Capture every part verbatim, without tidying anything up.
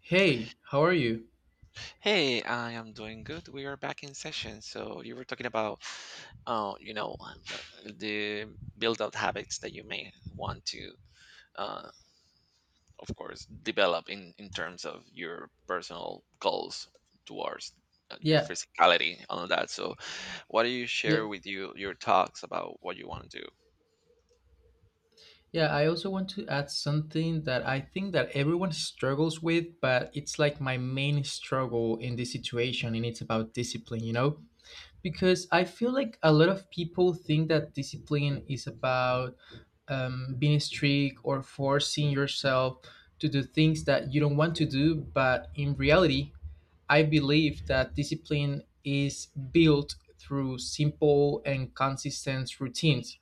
Hey, how are you? Hey, I am doing good. We are back in session. So you were talking about, uh, you know, the the build-out habits that you may want to, uh, of course, develop in in terms of your personal goals towards uh, your Yeah, physicality and all that. So, what do you yeah, share with you your thoughts about what you want to do? yeah. I also want to add something that I think that everyone struggles with, but it's like my main struggle in this situation, and it's about discipline, you know? Because I feel like a lot of people think that discipline is about um, being strict or forcing yourself to do things that you don't want to do, but in reality, I believe that discipline is built through simple and consistent routines.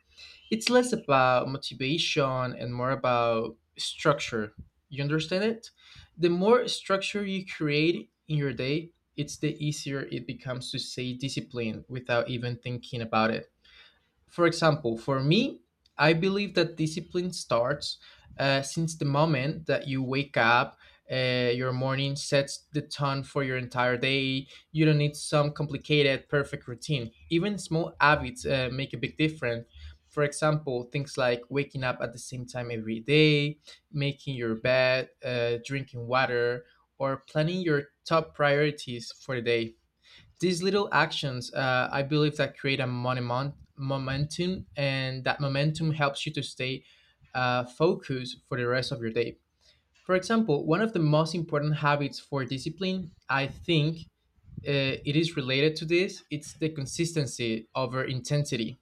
It's less about motivation and more about structure. You understand it? The more structure you create in your day, it's the easier it becomes to stay disciplined without even thinking about it. For example, for me, I believe that discipline starts uh, since the moment that you wake up. Uh, your morning sets the tone for your entire day. You don't need some complicated, perfect routine. Even small habits uh, make a big difference. For example, things like waking up at the same time every day, making your bed, uh, drinking water, or planning your top priorities for the day. These little actions, uh, I believe, that create a monument, momentum, and that momentum helps you to stay uh, focused for the rest of your day. For example, one of the most important habits for discipline, I think, uh, it is related to this. It's the consistency over intensity.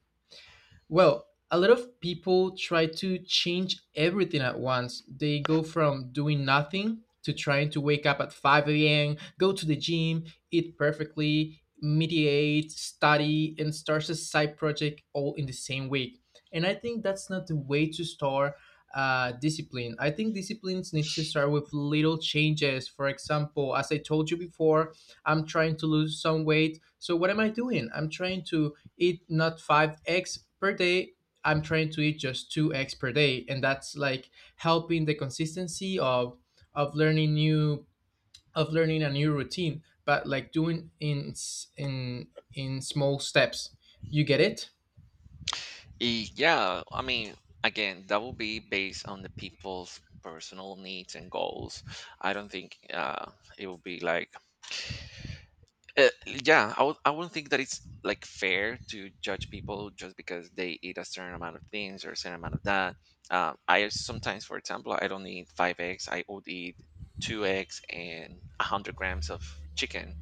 Well, a lot of people try to change everything at once. They go from doing nothing to trying to wake up at five a m, go to the gym, eat perfectly, meditate, study, and start a side project all in the same week. And I think that's not the way to start uh, discipline. I think disciplines need to start with little changes. For example, as I told you before, I'm trying to lose some weight. So, what am I doing? I'm trying to eat not five eggs per day. I'm trying to eat just two eggs per day, and that's like helping the consistency of of learning new of learning a new routine, but like doing in s- in in small steps. You get it? Y- Yeah, I mean, again, that will be based on the people's personal needs and goals. I don't think uh, it will be like Uh, yeah, I w- I wouldn't think that it's like fair to judge people just because they eat a certain amount of things or a certain amount of that. Uh, I sometimes, for example, I don't eat five eggs. I would eat two eggs and one hundred grams of chicken,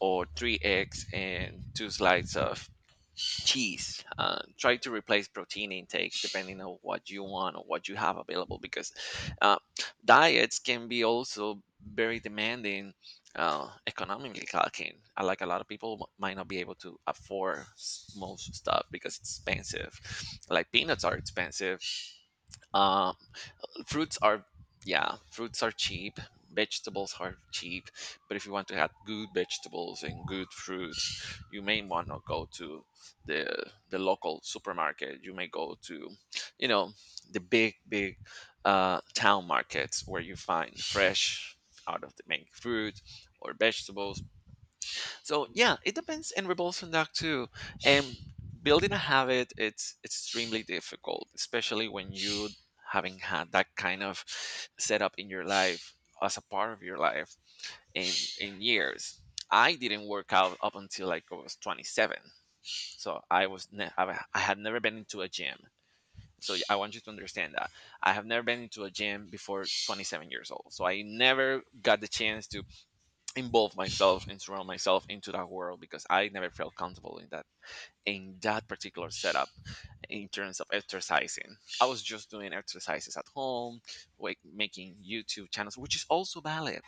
or three eggs and two slices of cheese. Uh, try to replace protein intake depending on what you want or what you have available, because uh, diets can be also very demanding uh, economically talking. Uh, Like, a lot of people might not be able to afford s- most stuff because it's expensive. Like, peanuts are expensive. Um, fruits are yeah, fruits are cheap, vegetables are cheap, but if you want to have good vegetables and good fruits, you may want to go to the the local supermarket. You may go to you know the big big uh, town markets where you find fresh out of the main fruit or vegetables. So yeah, it depends and revolves on that too. And building a habit, it's extremely difficult, especially when you having had that kind of setup in your life, as a part of your life, in in years. I didn't work out up until like I was twenty-seven. So I was ne- I I had never been into a gym. So I want you to understand that I have never been into a gym before twenty-seven years old, so I never got the chance to involve myself and surround myself into that world, because I never felt comfortable in that, in that particular setup in terms of exercising. I was just doing exercises at home, like making YouTube channels, which is also valid.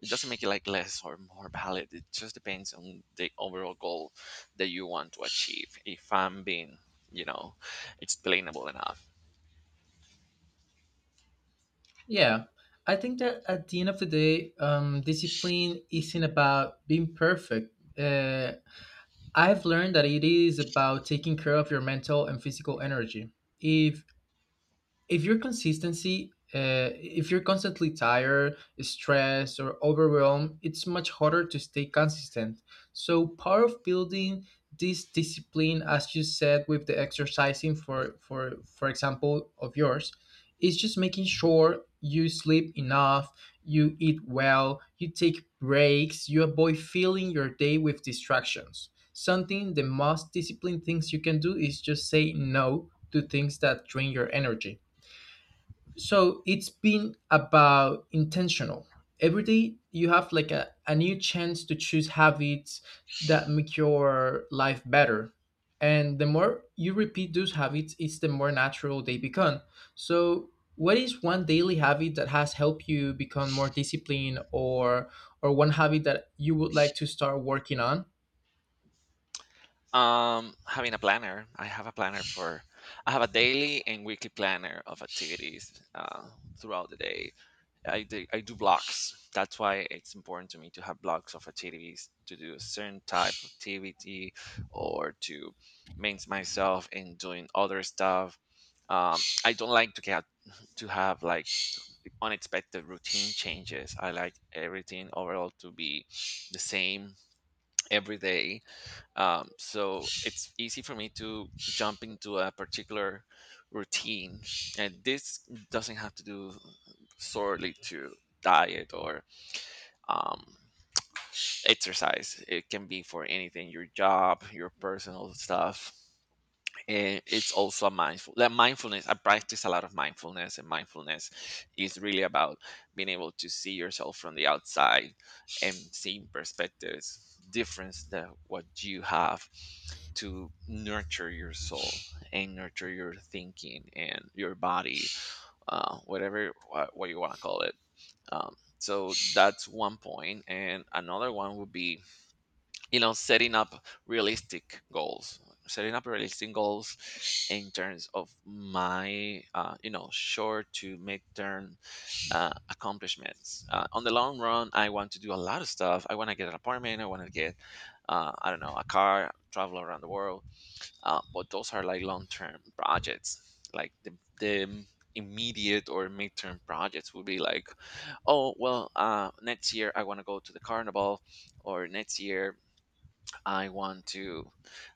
It doesn't make it like less or more valid. It just depends on the overall goal that you want to achieve. If I'm being, you know, explainable enough. Yeah, I think that at the end of the day, um, discipline isn't about being perfect. Uh, I've learned that it is about taking care of your mental and physical energy. If if your consistency uh, if you're constantly tired, stressed, or overwhelmed, it's much harder to stay consistent. So, part of building this discipline, as you said with the exercising for for for example of yours, is just making sure you sleep enough, you eat well, you take breaks, you avoid filling your day with distractions. Something, the most disciplined things you can do is just say no to things that drain your energy. So it's been about intentional. Every day you have like a, a new chance to choose habits that make your life better, and the more you repeat those habits, it's the more natural they become. So, what is one daily habit that has helped you become more disciplined, or or one habit that you would like to start working on? Um, having a planner. I have a planner for I have a daily and weekly planner of activities uh, throughout the day. I do, I do blocks. That's why it's important to me to have blocks of activities to do a certain type of activity or to maintain myself in doing other stuff. Um, I don't like to get to have like unexpected routine changes. I like everything overall to be the same every day, um, so it's easy for me to jump into a particular routine, and this doesn't have to do solely to diet or um, exercise. It can be for anything, your job, your personal stuff. And it's also a mindful that mindfulness. I practice a lot of mindfulness, and mindfulness is really about being able to see yourself from the outside and seeing perspectives different than what you have, to nurture your soul and nurture your thinking and your body, uh, whatever what, what you want to call it. Um, so that's one point, and another one would be, you know setting up realistic goals, setting up realistic goals in terms of my uh, you know short to mid term uh, accomplishments. Uh, on the long run, I want to do a lot of stuff. I want to get an apartment. I want to get uh, I don't know, a car, travel around the world, uh, but those are like long-term projects. Like the, the immediate or midterm projects would be like, oh well, uh, next year I want to go to the carnival, or next year I want to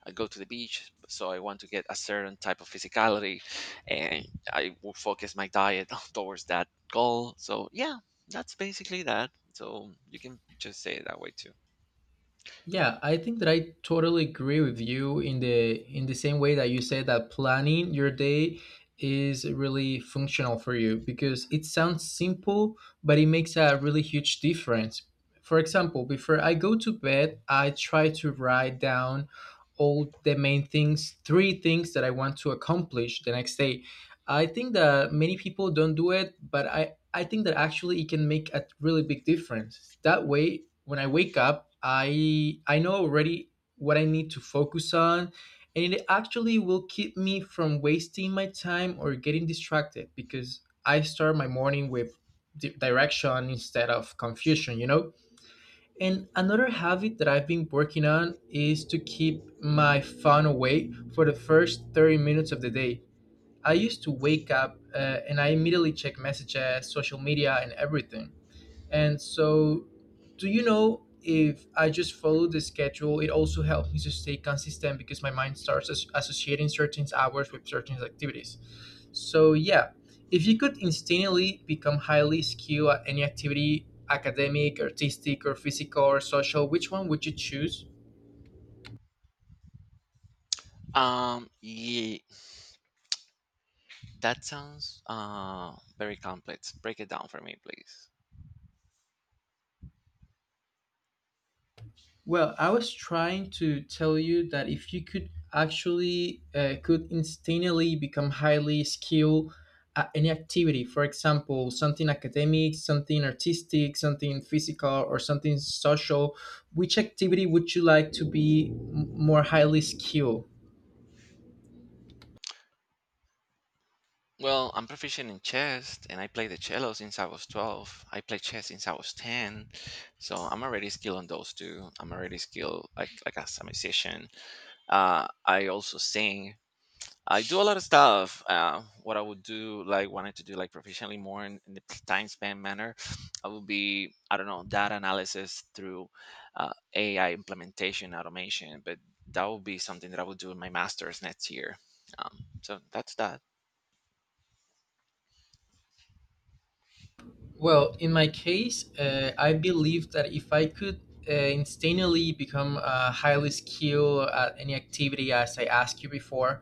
uh, go to the beach, so I want to get a certain type of physicality, and I will focus my diet towards that goal. So yeah, that's basically that, so you can just say it that way too. Yeah, I think that I totally agree with you in the in the same way that you said that planning your day is really functional for you because it sounds simple, but it makes a really huge difference. For example, before I go to bed, I try to write down all the main things, three things that I want to accomplish the next day. I think that many people don't do it, but I I think that actually it can make a really big difference. That way, when I wake up, I I know already what I need to focus on, and it actually will keep me from wasting my time or getting distracted because I start my morning with di- direction instead of confusion, you know? And another habit that I've been working on is to keep my phone away for the first thirty minutes of the day. I used to wake up uh, and I immediately check messages, social media, and everything. And so, do you know, if I just follow the schedule, it also helps me to stay consistent because my mind starts as- associating certain hours with certain activities. So, yeah, if you could instantly become highly skilled at any activity, academic, artistic, or physical, or social, which one would you choose? Um yeah that sounds uh, very complex. Break it down for me, please. Well, I was trying to tell you that if you could actually uh, could instantly become highly skilled at any activity, for example, something academic, something artistic, something physical, or something social, which activity would you like to be m- more highly skilled? Well, I'm proficient in chess, and I played the cello since I was twelve. I played chess since I was ten, so I'm already skilled on those two. I'm already skilled like like as a musician. Uh, I also sing. I do a lot of stuff. Uh, what I would do, like wanted to do, like professionally more in, in the time span manner, I would be, I don't know, data analysis through uh, A I implementation automation, but that would be something that I would do in my master's next year. Um, so that's that. Well, in my case, uh, I believe that if I could uh, instantaneously become uh, highly skilled at any activity, as I asked you before,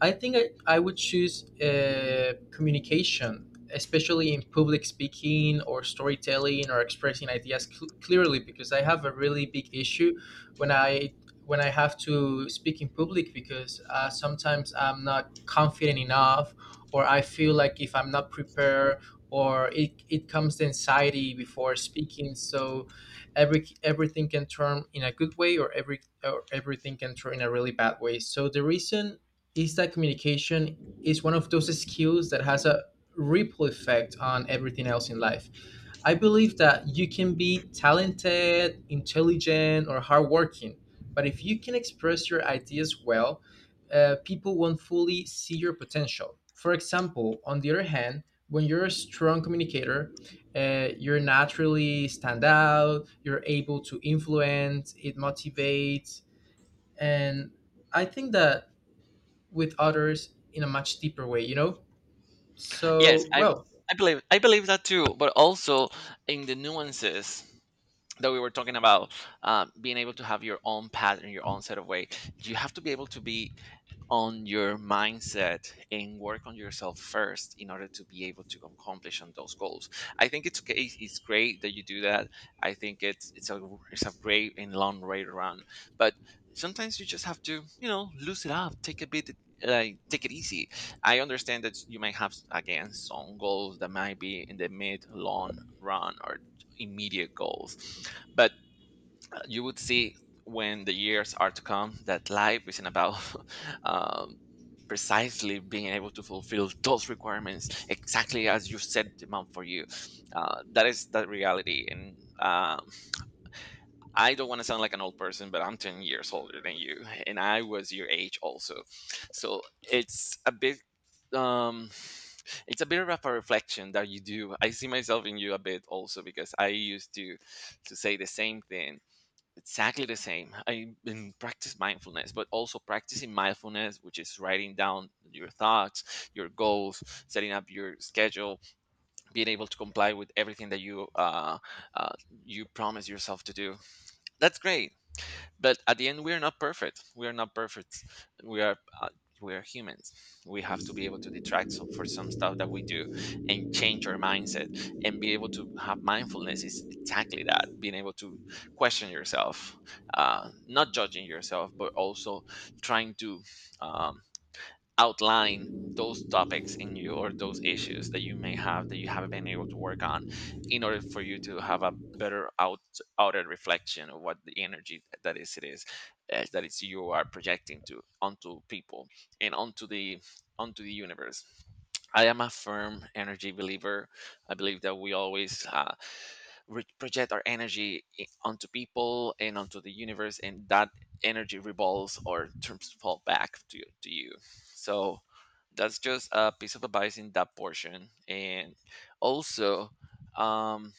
I think I, I would choose uh, communication, especially in public speaking or storytelling or expressing ideas cl- clearly, because I have a really big issue when I when I have to speak in public because uh, sometimes I'm not confident enough, or I feel like if I'm not prepared, or it, it comes to anxiety before speaking. So every everything can turn in a good way, or every or everything can turn in a really bad way. So the reason is that communication is one of those skills that has a ripple effect on everything else in life. I believe that you can be talented, intelligent, or hardworking, but if you can express your ideas well, uh, people won't fully see your potential. For example, on the other hand, when you're a strong communicator, uh, you're naturally stand out. You're able to influence. It motivates, and I think that with others in a much deeper way. You know. Yes, So I well, I believe I believe that too, but also in the nuances that we were talking about, uh, being able to have your own pattern, your own set of way. You have to be able to be on your mindset and work on yourself first in order to be able to accomplish on those goals. I think it's okay. It's great that you do that. I think it's it's a it's a great and long way to run. But sometimes you just have to, you know loosen up, take a bit. Like, take it easy. I understand that you might have, again, some goals that might be in the mid long run or immediate goals, but you would see, when the years are to come, that life isn't about um, precisely being able to fulfill those requirements exactly as you set them out for you. Uh, that is that reality. And um, I don't want to sound like an old person, but I'm ten years older than you, and I was your age also. So it's a bit. Um, it's a bit of a reflection that you do. I see myself in you a bit also, because I used to to say the same thing exactly the same. I been practice mindfulness, but also practicing mindfulness, which is writing down your thoughts, your goals, setting up your schedule, being able to comply with everything that you uh, uh, you promise yourself to do. That's great. But at the end, we are not perfect. We are not perfect. We are uh, we are humans. We have to be able to detract, so- for some stuff that we do, and change our mindset. And be able to have mindfulness is exactly that. Being able to question yourself, uh, not judging yourself, but also trying to um, outline those topics in you or those issues that you may have that you haven't been able to work on, in order for you to have a better out outer reflection of what the energy that is, it is uh, that is, you are projecting to onto people and onto the onto the universe. I am a firm energy believer. I believe that we always, uh, we project our energy, i- onto people and onto the universe, and that energy revolves or turns fall back to, to you. So that's just a piece of advice in that portion. And also, um,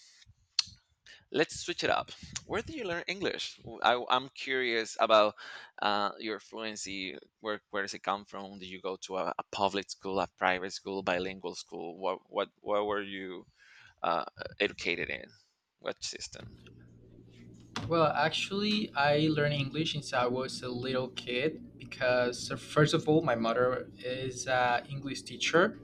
let's switch it up. Where did you learn English? W- I am curious about uh, your fluency. Where, where does it come from? Did you go to a, a public school, a private school, bilingual school? What what what were you uh, educated in? What system? well, actually, I learned English since I was a little kid because uh, first of all, my mother is an English teacher,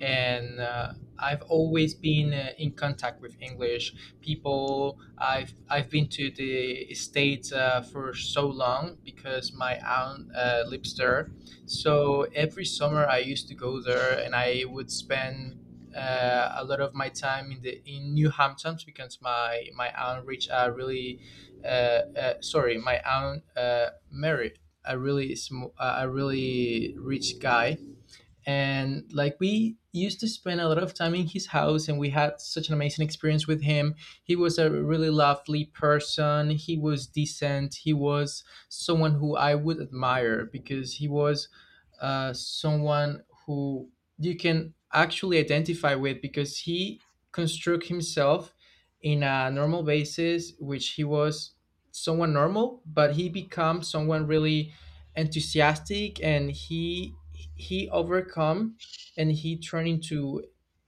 and uh, I've always been uh, in contact with English people. I've I've been to the states uh, for so long because my aunt uh, lives there. So every summer I used to go there, and I would spend uh, a lot of my time in the in New Hamptons because my my aunt reached a really uh, uh, sorry my aunt uh, married a really sm- a really rich guy, and like we used to spend a lot of time in his house, and we had such an amazing experience with him. He was a really lovely person. He was decent. He was someone who I would admire because he was uh, someone who you can actually identify with because he construct himself in a normal basis, which he was someone normal, but he became someone really enthusiastic, and he he overcome, and he turned into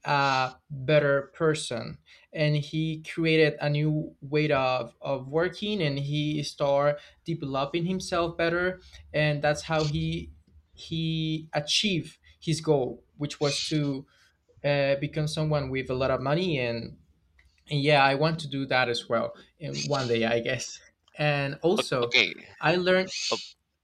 a better person. And he created a new way of, of working, and he started developing himself better. And that's how he he achieved his goal, which was to uh, become someone with a lot of money, and, and yeah, I want to do that as well in one day, I guess. And O- also, Okay. i learned O-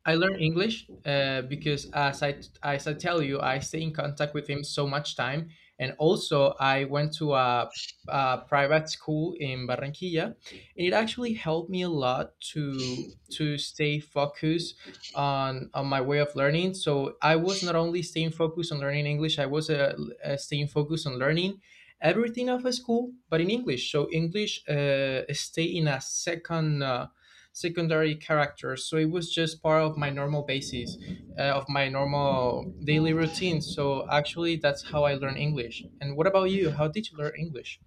I learned English uh, because, as I, as I tell you, I stay in contact with him so much time. And also, I went to a, a private school in Barranquilla, and it actually helped me a lot to to stay focused on on my way of learning. So I was not only staying focused on learning English, I was uh, uh, staying focused on learning everything of a school, but in English. So English uh, stay in a second. Uh, secondary characters. So it was just part of my normal basis, uh, of my normal daily routine. So, actually, that's how I learned English. And what about you? How did you learn English?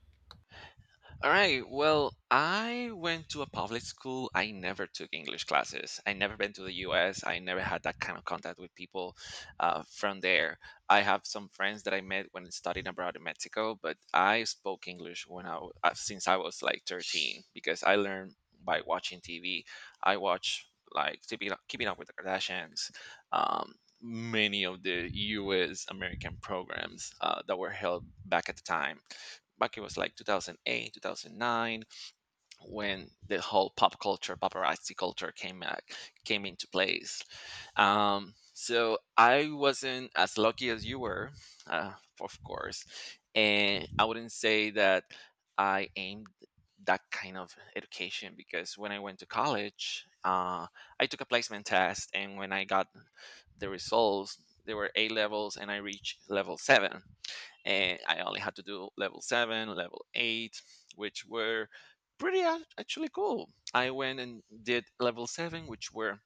All right. Well, I went to a public school. I never took English classes. I never been to the U S. I never had that kind of contact with people uh, from there. I have some friends that I met when studying abroad in Mexico, but I spoke English when I w- uh, since I was like thirteen, because I learned by watching T V. I watch like Keeping Up Keeping Up with the Kardashians. Um, Many of the U S. American programs uh, that were held back at the time, back it was like two thousand eight twenty oh nine, when the whole pop culture paparazzi culture came back, came into place. Um, so I wasn't as lucky as you were, uh, of course, and I wouldn't say that I aimed that kind of education. Because when I went to college, uh, I took a placement test, and when I got the results, there were a levels, and I reached level seven. And I only had to do level seven, level eight, which were pretty ac- actually cool. I went and did level seven, which were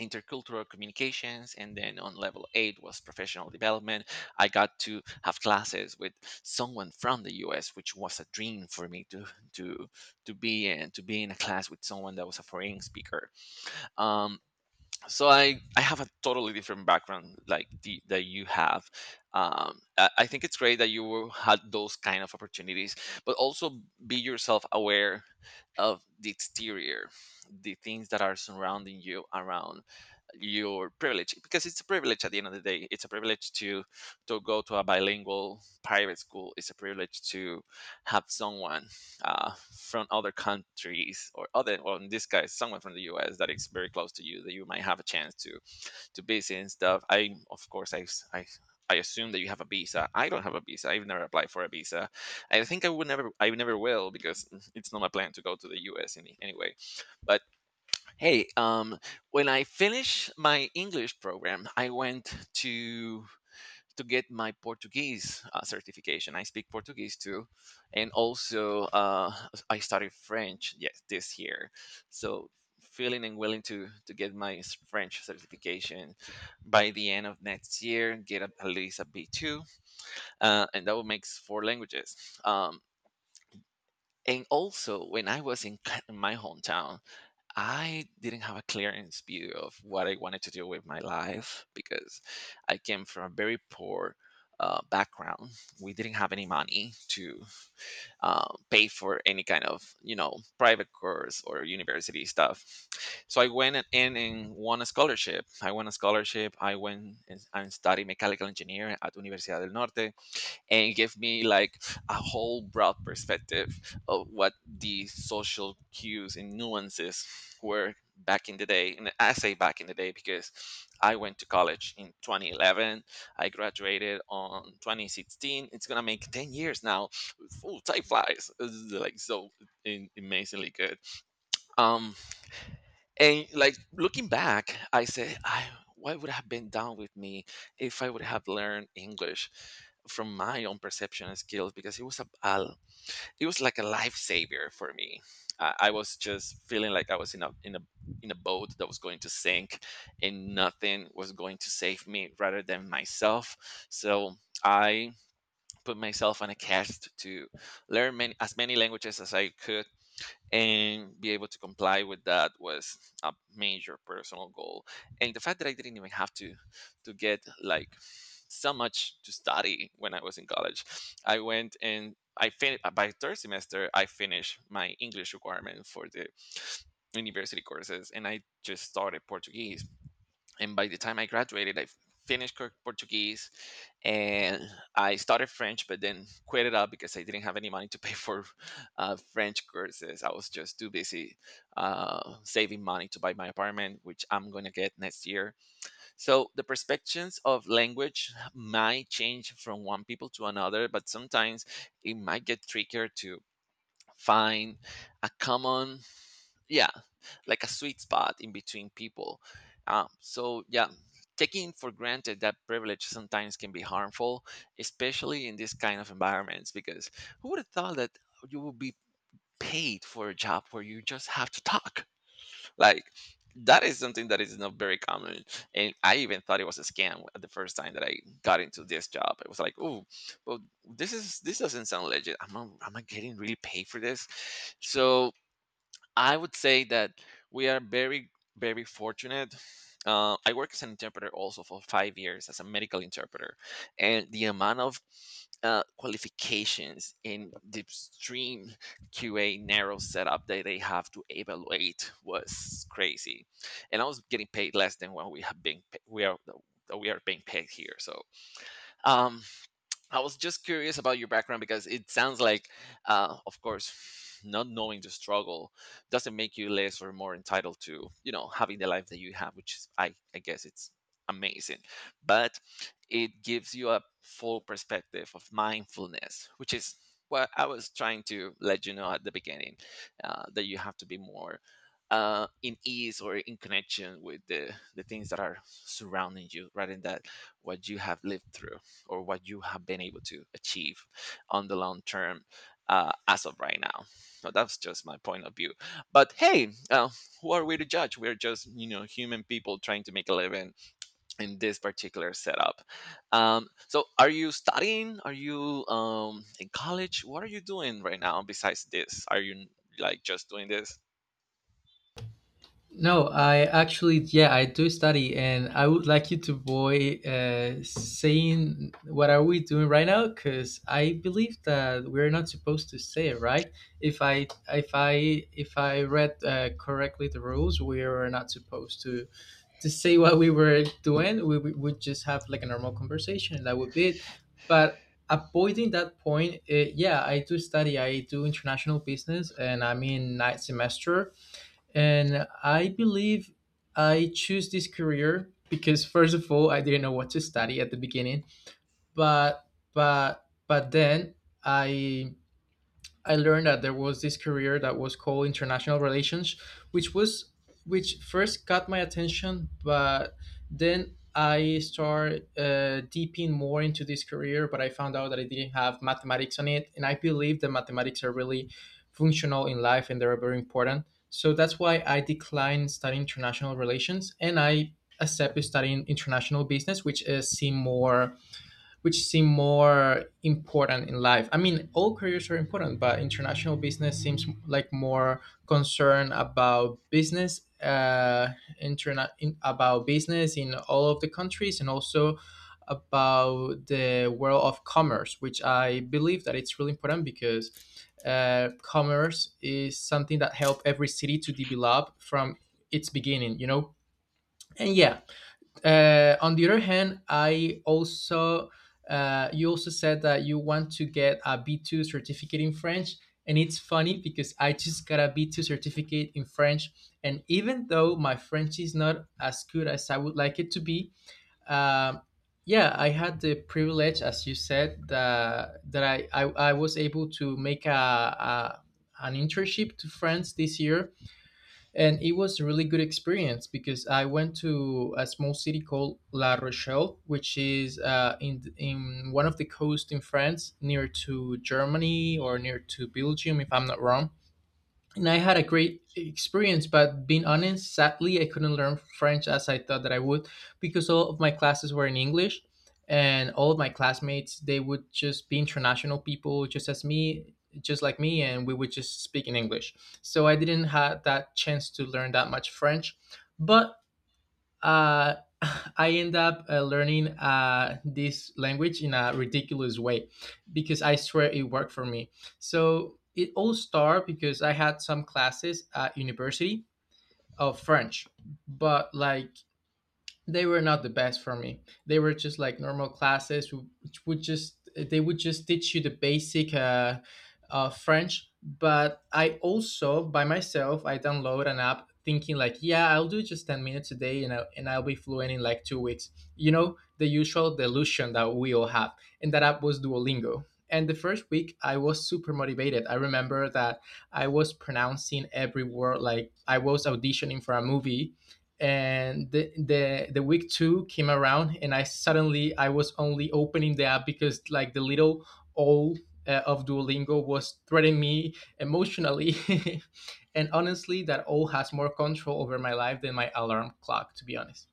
intercultural communications, and then on level eight was professional development. I got to have classes with someone from the U S, which was a dream for me to to to be in, to be in a class with someone that was a foreign speaker. Um, so I, I have a totally different background like the, that you have um, I, I think it's great that you were- had those kind of opportunities, but also be yourself aware of the exterior, the things that are surrounding you around your privilege, because it's a privilege. At the end of the day, it's a privilege to to go to a bilingual private school. It's a privilege to have someone uh, from other countries, or other, or in this case someone from the US that is very close to you, that you might have a chance to to visit and stuff. I of course I s- I I assume that you have a visa. I don't have a visa. I've never applied for a visa. I think I would never, I never will, because mm, it's not my plan to go to the U S in any way. But hey, um, when I finished my English program, I went to to get my Portuguese uh, certification. I speak Portuguese too, and also uh, I studied French, yes, this year. So feeling and willing to to get my s- French certification by the end of next year, get a, at least a B two, uh, and that will make four languages. Um, and also, when I was in c- my hometown, I didn't have a clearance view of what I wanted to do with my life, because I came from a very poor uh, background. We didn't have any money to uh, pay for any kind of, you know, private course or university stuff. So I went and- in and won a scholarship. I won a scholarship. I went and, and studied mechanical engineering at Universidad del Norte, and give me like a whole broad perspective of what the social cues and nuances were back in the day. And I say back in the day because I went to college in twenty eleven. I graduated on twenty sixteen. It's gonna make ten years now. Full time flies. This is, like, so in, amazingly good. um and like looking back, I say, I what would have been done with me if I would have learned English from my own perception and skills, because it was a, a it was like a lifesaver for me. I, I was just feeling like I was in a in a in a boat that was going to sink, and nothing was going to save me rather than myself. So I put myself on a cast to learn many, as many languages as I could, and be able to comply with, that was a major personal goal. And the fact that I didn't even have to to get like so much to study when I was in college. I went and i finished by third semester. I finished my English requirement for the university courses, and I just started Portuguese. And by the time I graduated, I finished Cor- Portuguese, and I started French, but then quit it up because I didn't have any money to pay for uh, French courses. I was just too busy uh, saving money to buy my apartment, which I'm going to get next year. So the perspectives of language might change from one people to another, but sometimes it might get trickier to find a common, yeah, like a sweet spot in between people. Um, so yeah, taking for granted that privilege sometimes can be harmful, especially in this kind of environments, because who would have thought that you would be paid for a job where you just have to talk? Like that is something that is not very common. And I even thought it was a scam at the first time that I got into this job. It was like, oh well, this is this doesn't sound legit. Am i, am I getting really paid for this? So I would say that we are very, very fortunate. Uh, I work as an interpreter also for five years as a medical interpreter, and the amount of uh, qualifications in the extreme Q A narrow setup that they have to evaluate was crazy, and I was getting paid less than what we have been pa- we are that we are being paid here. So um, I was just curious about your background, because it sounds like, uh, of course, not knowing the struggle doesn't make you less or more entitled to, you know, having the life that you have, which is, I, I guess it's amazing. But it gives you a full perspective of mindfulness, which is what I was trying to let you know at the beginning, uh, that you have to be more uh, in ease or in connection with the, the things that are surrounding you rather than that, what you have lived through or what you have been able to achieve on the long term, uh, as of right now. So that's just my point of view. But hey, uh, who are we to judge? We're just, you know human people trying to make a living in this particular setup. Um, so are you studying? Are you, um, in college? What are you doing right now besides this? Are you like just doing this? No, I actually, yeah, I do study, and I would like you to boy uh, saying, what are we doing right now? Because I believe that we're not supposed to say it, right? If I if I if I read uh, correctly the rules, we are not supposed to to say what we were doing, we we would just have like a normal conversation. That would be it. But avoiding that point, eh, yeah, I do study. I do international business, and I'm in ninth semester. And I believe I choose this career because, first of all, I didn't know what to study at the beginning, but but but then I I learned that there was this career that was called international relations, which was which first got my attention, but then I started uh, deeping more into this career. But I found out that I didn't have mathematics on it, and I believe that mathematics are really functional in life and they're very important. So that's why I declined studying international relations, and I accepted studying international business, which uh, seemed more which seem more important in life. I mean, all careers are important, but international business seems like more concern about business, uh, interna- in, about business in all of the countries, and also about the world of commerce, which I believe that it's really important because uh, commerce is something that help every city to develop from its beginning. You know, and yeah, uh, on the other hand, I also uh, you also said that you want to get a B two certificate in French, and it's funny because I just got a B two certificate in French, and even though my French is not as good as I would like it to be, um, yeah, I had the privilege, as you said, that that I I, I was able to make a, a an internship to France this year, and it was a really good experience because I went to a small city called La Rochelle, which is uh, in in one of the coasts in France, near to Germany or near to Belgium, if I'm not wrong. And I had a great experience. But being honest, sadly, I couldn't learn French as I thought that I would because all of my classes were in English, and all of my classmates they would just be international people, just as me, just like me, and we would just speak in English. So I didn't have that chance to learn that much French, but uh, I end up uh, learning uh, this language in a ridiculous way because I swear it worked for me. So it all started because I had some classes at university of French, but like they were not the best for me. They were just like normal classes, wh- which would just they would just teach you the basic uh, uh, French. But I also by myself I download an app thinking like, yeah, I'll do just ten minutes a day, you know, and I'll be fluent in like two weeks. You know, the usual delusion that we all have. And that app was Duolingo. And the first week I was super motivated. I remember that I was pronouncing every word like I was auditioning for a movie, and the, the the week two came around, and I suddenly I was only opening the app because like the little owl uh, of Duolingo was threatening me emotionally. And honestly, that owl has more control over my life than my alarm clock, to be honest.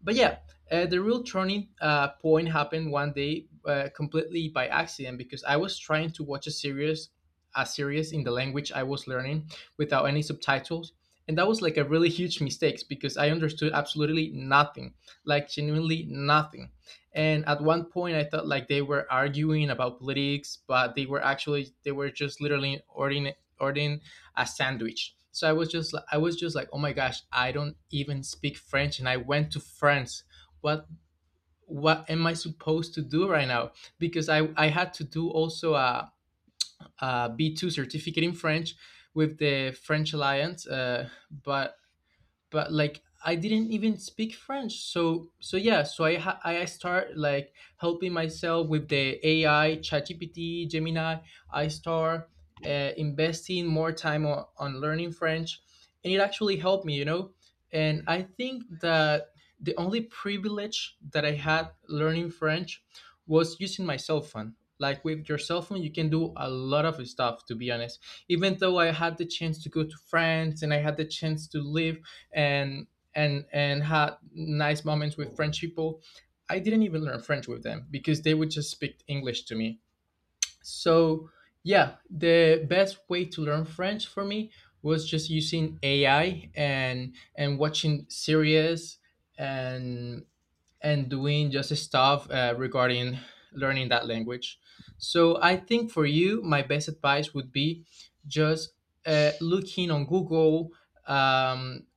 But yeah uh, the real turning uh, point happened one day uh, completely by accident because I was trying to watch a series, a series in the language I was learning, without any subtitles. And that was like a really huge mistake because I understood absolutely nothing, like genuinely nothing. And at one point I thought like they were arguing about politics, but they were actually they were just literally ordering ordering a sandwich. So I was just li- I was just like, oh my gosh, I don't even speak French and I went to France. what what am I supposed to do right now? Because i i had to do also a, a B two certificate in French with the French alliance, uh, but but like I didn't even speak French. So so yeah, so I ha- I start like helping myself with the A I, ChatGPT, Gemini. I start uh, investing more time on, on learning French, and it actually helped me, you know. And I think that the only privilege that I had learning French was using my cell phone. Like with your cell phone, you can do a lot of stuff. To be honest, even though I had the chance to go to France and I had the chance to live and and and had nice moments with French people. I didn't even learn French with them because they would just speak English to me. So yeah, the best way to learn French for me was just using A I and and watching series and and doing just stuff uh, regarding learning that language. So I think for you, my best advice would be just uh, looking on Google, um,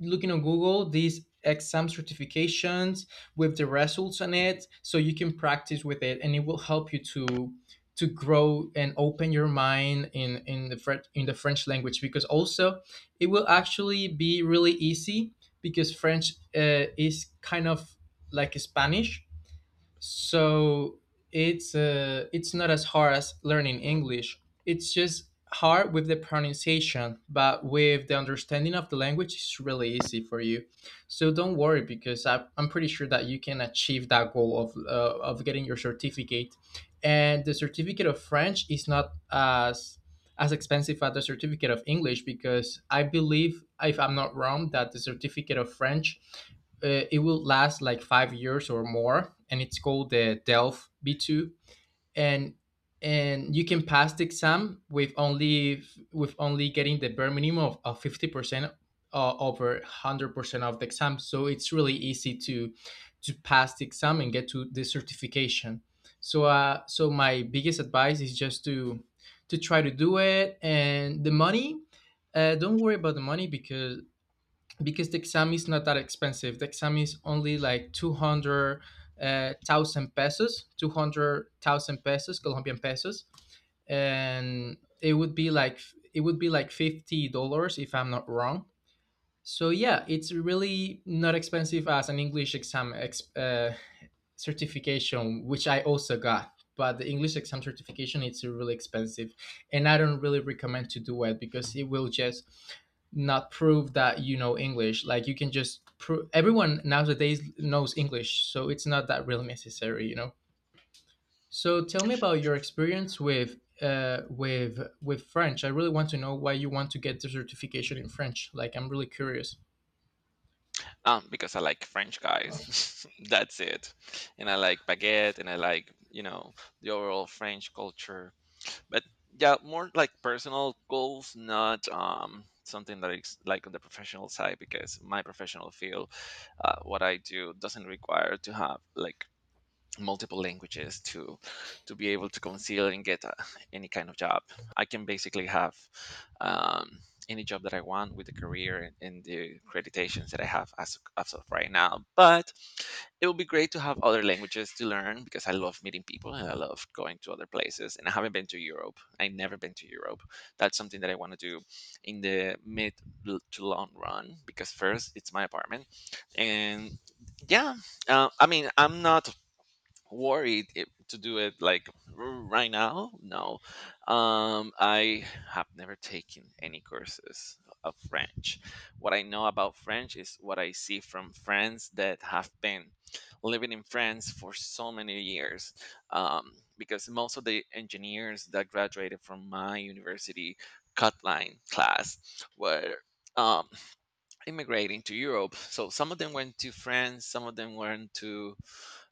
looking on Google these exam certifications with the results on it, so you can practice with it, and it will help you to to grow and open your mind in in the French in the French language, because also it will actually be really easy because French uh, is kind of like Spanish. So it's uh, it's not as hard as learning English. It's just hard with the pronunciation, but with the understanding of the language it's really easy for you. So don't worry, because I, i'm pretty sure that you can achieve that goal of uh, of getting your certificate. And the certificate of French is not as as expensive as the certificate of English, because I believe, if I'm not wrong, that the certificate of French, uh, it will last like five years or more, and it's called the DELF B two. And and you can pass the exam with only with only getting the bare minimum of, of fifty percent uh, over one hundred percent of the exam. So it's really easy to to pass the exam and get to the certification. So uh so my biggest advice is just to to try to do it. And the money, uh, don't worry about the money, because because the exam is not that expensive. The exam is only like two hundred thousand uh, pesos, two hundred thousand pesos, Colombian pesos. And it would be like, it would be like fifty dollars, if I'm not wrong. So yeah, it's really not expensive as an English exam ex- uh, certification, which I also got. But the English exam certification, it's really expensive, and I don't really recommend to do it because it will just not prove that you know English. Like you can just prove, everyone nowadays knows English, so it's not that really necessary, you know. So tell me about your experience with uh, with with French. I really want to know why you want to get the certification in French. Like I'm really curious. Um, because I like French guys. That's it. And I like baguette, and I like, you know, the overall French culture. But yeah, more like personal goals, not um something that is like on the professional side, because my professional field, uh, what I do, doesn't require to have like multiple languages to to be able to conceal and get uh, any kind of job. I can basically have um, any job that I want, with the career and, and the accreditations that I have as, as of right now. But it would be great to have other languages to learn, because I love meeting people and I love going to other places. And I haven't been to Europe. I've never been to Europe. That's something that I want to do in the mid l- to long run, because first it's my apartment. And yeah, uh, I mean, I'm not worried if, to do it like r- right now, no. um I have never taken any courses of French. What I know about French is what I see from friends that have been living in France for so many years. um, because most of the engineers that graduated from my university cut line class were, um, immigrating to Europe. So some of them went to France, some of them went to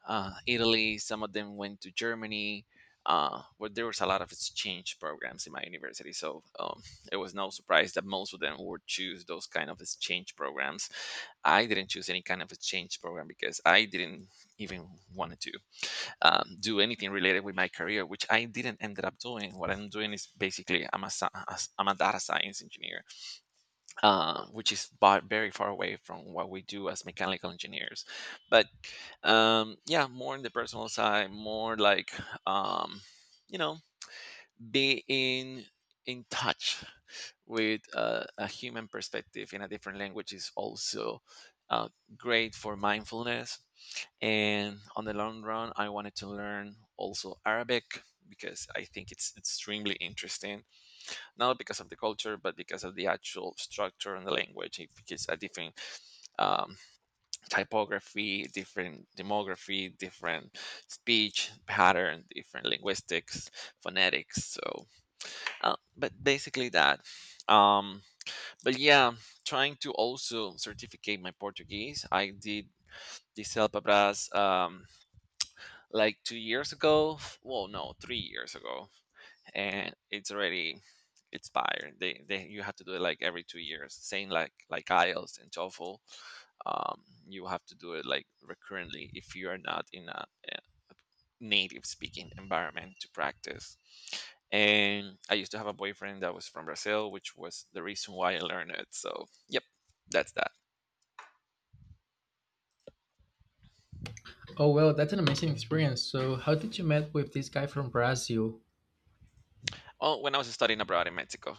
uh, Italy, some of them went to Germany. Uh, where there was a lot of exchange programs in my university, so um, it was no surprise that most of them would choose those kind of exchange programs. I didn't choose any kind of exchange program because I didn't even wanted to um, do anything related with my career, which I didn't ended up doing. What I'm doing is basically I'm a, sci- I'm a data science engineer, uh, which is ba- very far away from what we do as mechanical engineers. But um, yeah, more on the personal side, more like, um, you know, be in in touch with uh, a human perspective in a different language, is also uh, great for mindfulness. And on the long run, I wanted to learn also Arabic, because I think it's extremely interesting, not because of the culture, but because of the actual structure and the language. Because a different, um, typography, different demography, different speech pattern, different linguistics, phonetics. So, uh, but basically that. Um, but yeah, trying to also certificate my Portuguese. I did the Selpabras, um, like two years ago. Well, no, three years ago. And it's already expired. They, they You have to do it like every two years, same like like IELTS and TOEFL. Um, you have to do it like recurrently if you are not in a, eh, a native speaking environment to practice. And I used to have a boyfriend that was from Brazil, which was the reason why I learned it. So yep, that's that. Oh well, that's an amazing experience. So how did you met with this guy from Brazil? Oh, when I was studying abroad in Mexico.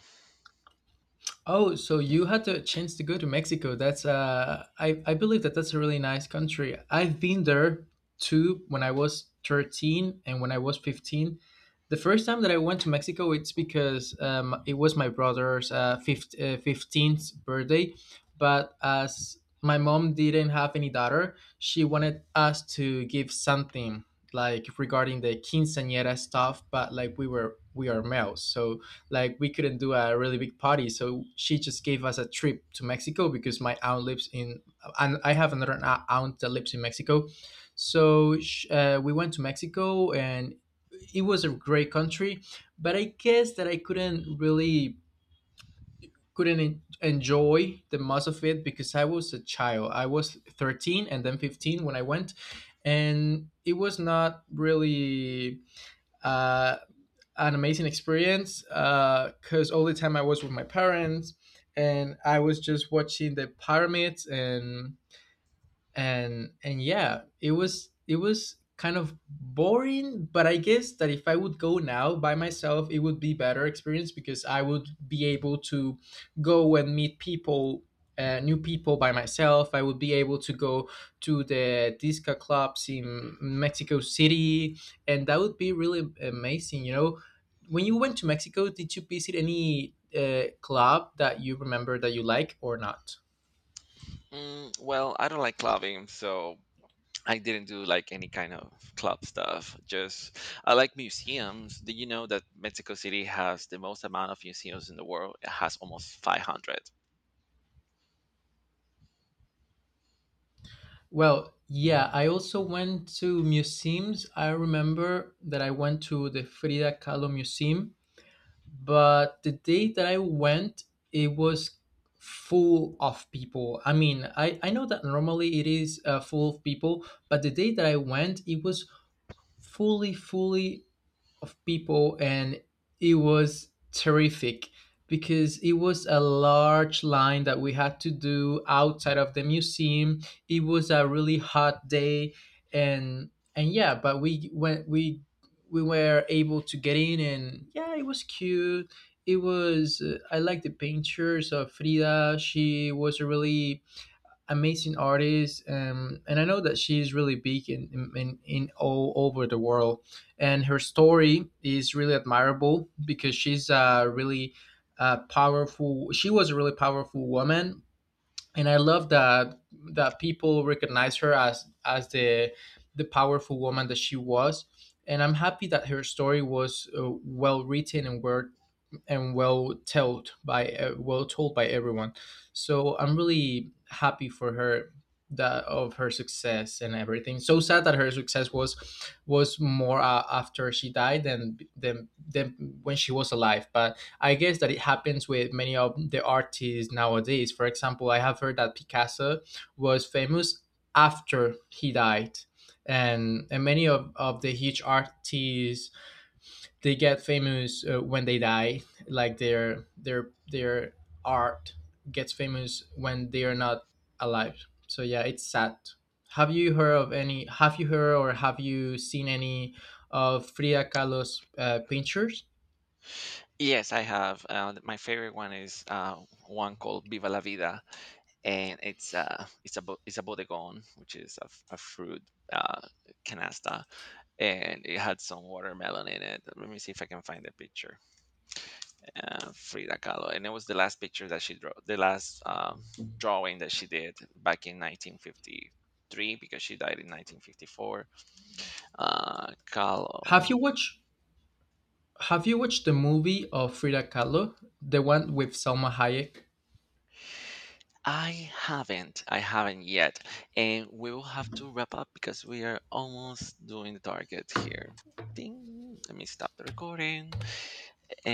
Oh, so you had the chance to go to Mexico. That's uh, I I believe that that's a really nice country. I've been there too when I was thirteen and when I was fifteen. The first time that I went to Mexico, it's because um, it was my brother's uh, fif- uh, fifteenth birthday. But as my mom didn't have any daughter, she wanted us to give something like regarding the quinceañera stuff. But like we were we are males, so like we couldn't do a really big party. So she just gave us a trip to Mexico, because my aunt lives in, and I have another a- aunt that lives in Mexico. So sh- uh, we went to Mexico, and it was a great country. But I guess that I couldn't really couldn't en- enjoy the most of it because I was a child. I was thirteen and then fifteen when I went, and it was not really uh, an amazing experience, because uh, all the time I was with my parents, and I was just watching the pyramids, and and and yeah, it was, it was kind of boring. But I guess that if I would go now by myself, it would be better experience, because I would be able to go and meet people, uh, new people by myself. I would be able to go to the disco clubs in Mexico City, and that would be really amazing, you know. When you went to Mexico, did you visit any uh, club that you remember that you like or not? Mm, well, I don't like clubbing, so I didn't do like any kind of club stuff. Just I like museums. Did you know that Mexico City has the most amount of museums in the world? It has almost five hundred. Well, yeah, I also went to museums. I remember that I went to the Frida Kahlo Museum, but the day that I went, it was full of people. I mean, I, I know that normally it is uh, full of people, but the day that I went, it was fully, fully of people, and it was terrific because it was a large line that we had to do outside of the museum. It was a really hot day, and and yeah, but we went, we we were able to get in, and yeah, it was cute. It was uh, I like the pictures of Frida. She was a really amazing artist. Um, and I know that she's really big in, in, in in all over the world, and her story is really admirable, because she's a really uh, powerful she was a really powerful woman, and I love that, that people recognize her as as the the powerful woman that she was. And I'm happy that her story was uh, well written and well and well told by uh, well told by everyone. So I'm really happy for her, that of her success and everything. So sad that her success was was more uh, after she died than than than when she was alive. But I guess that it happens with many of the artists nowadays. For example, I have heard that Picasso was famous after he died. And, and many of, of the huge artists, they get famous uh, when they die, like their their their art gets famous when they are not alive. So yeah, it's sad. Have you heard of any, have you heard or have you seen any of Frida Kahlo's uh, pictures? Yes, I have. Uh, th- my favorite one is uh, one called Viva la Vida, and it's uh, it's a bo- it's a bodegon, which is a, f- a fruit uh, canasta, and it had some watermelon in it. Let me see if I can find the picture. uh, Frida Kahlo. And it was the last picture that she drew, the last, um, drawing that she did back in nineteen fifty-three, because she died in nineteen fifty-four. Uh, have Kahlo. you watched, have you watched the movie of Frida Kahlo, the one with Salma Hayek? I haven't, I haven't yet, and we will have to wrap up because we are almost doing the target here. Ding! Let me stop the recording.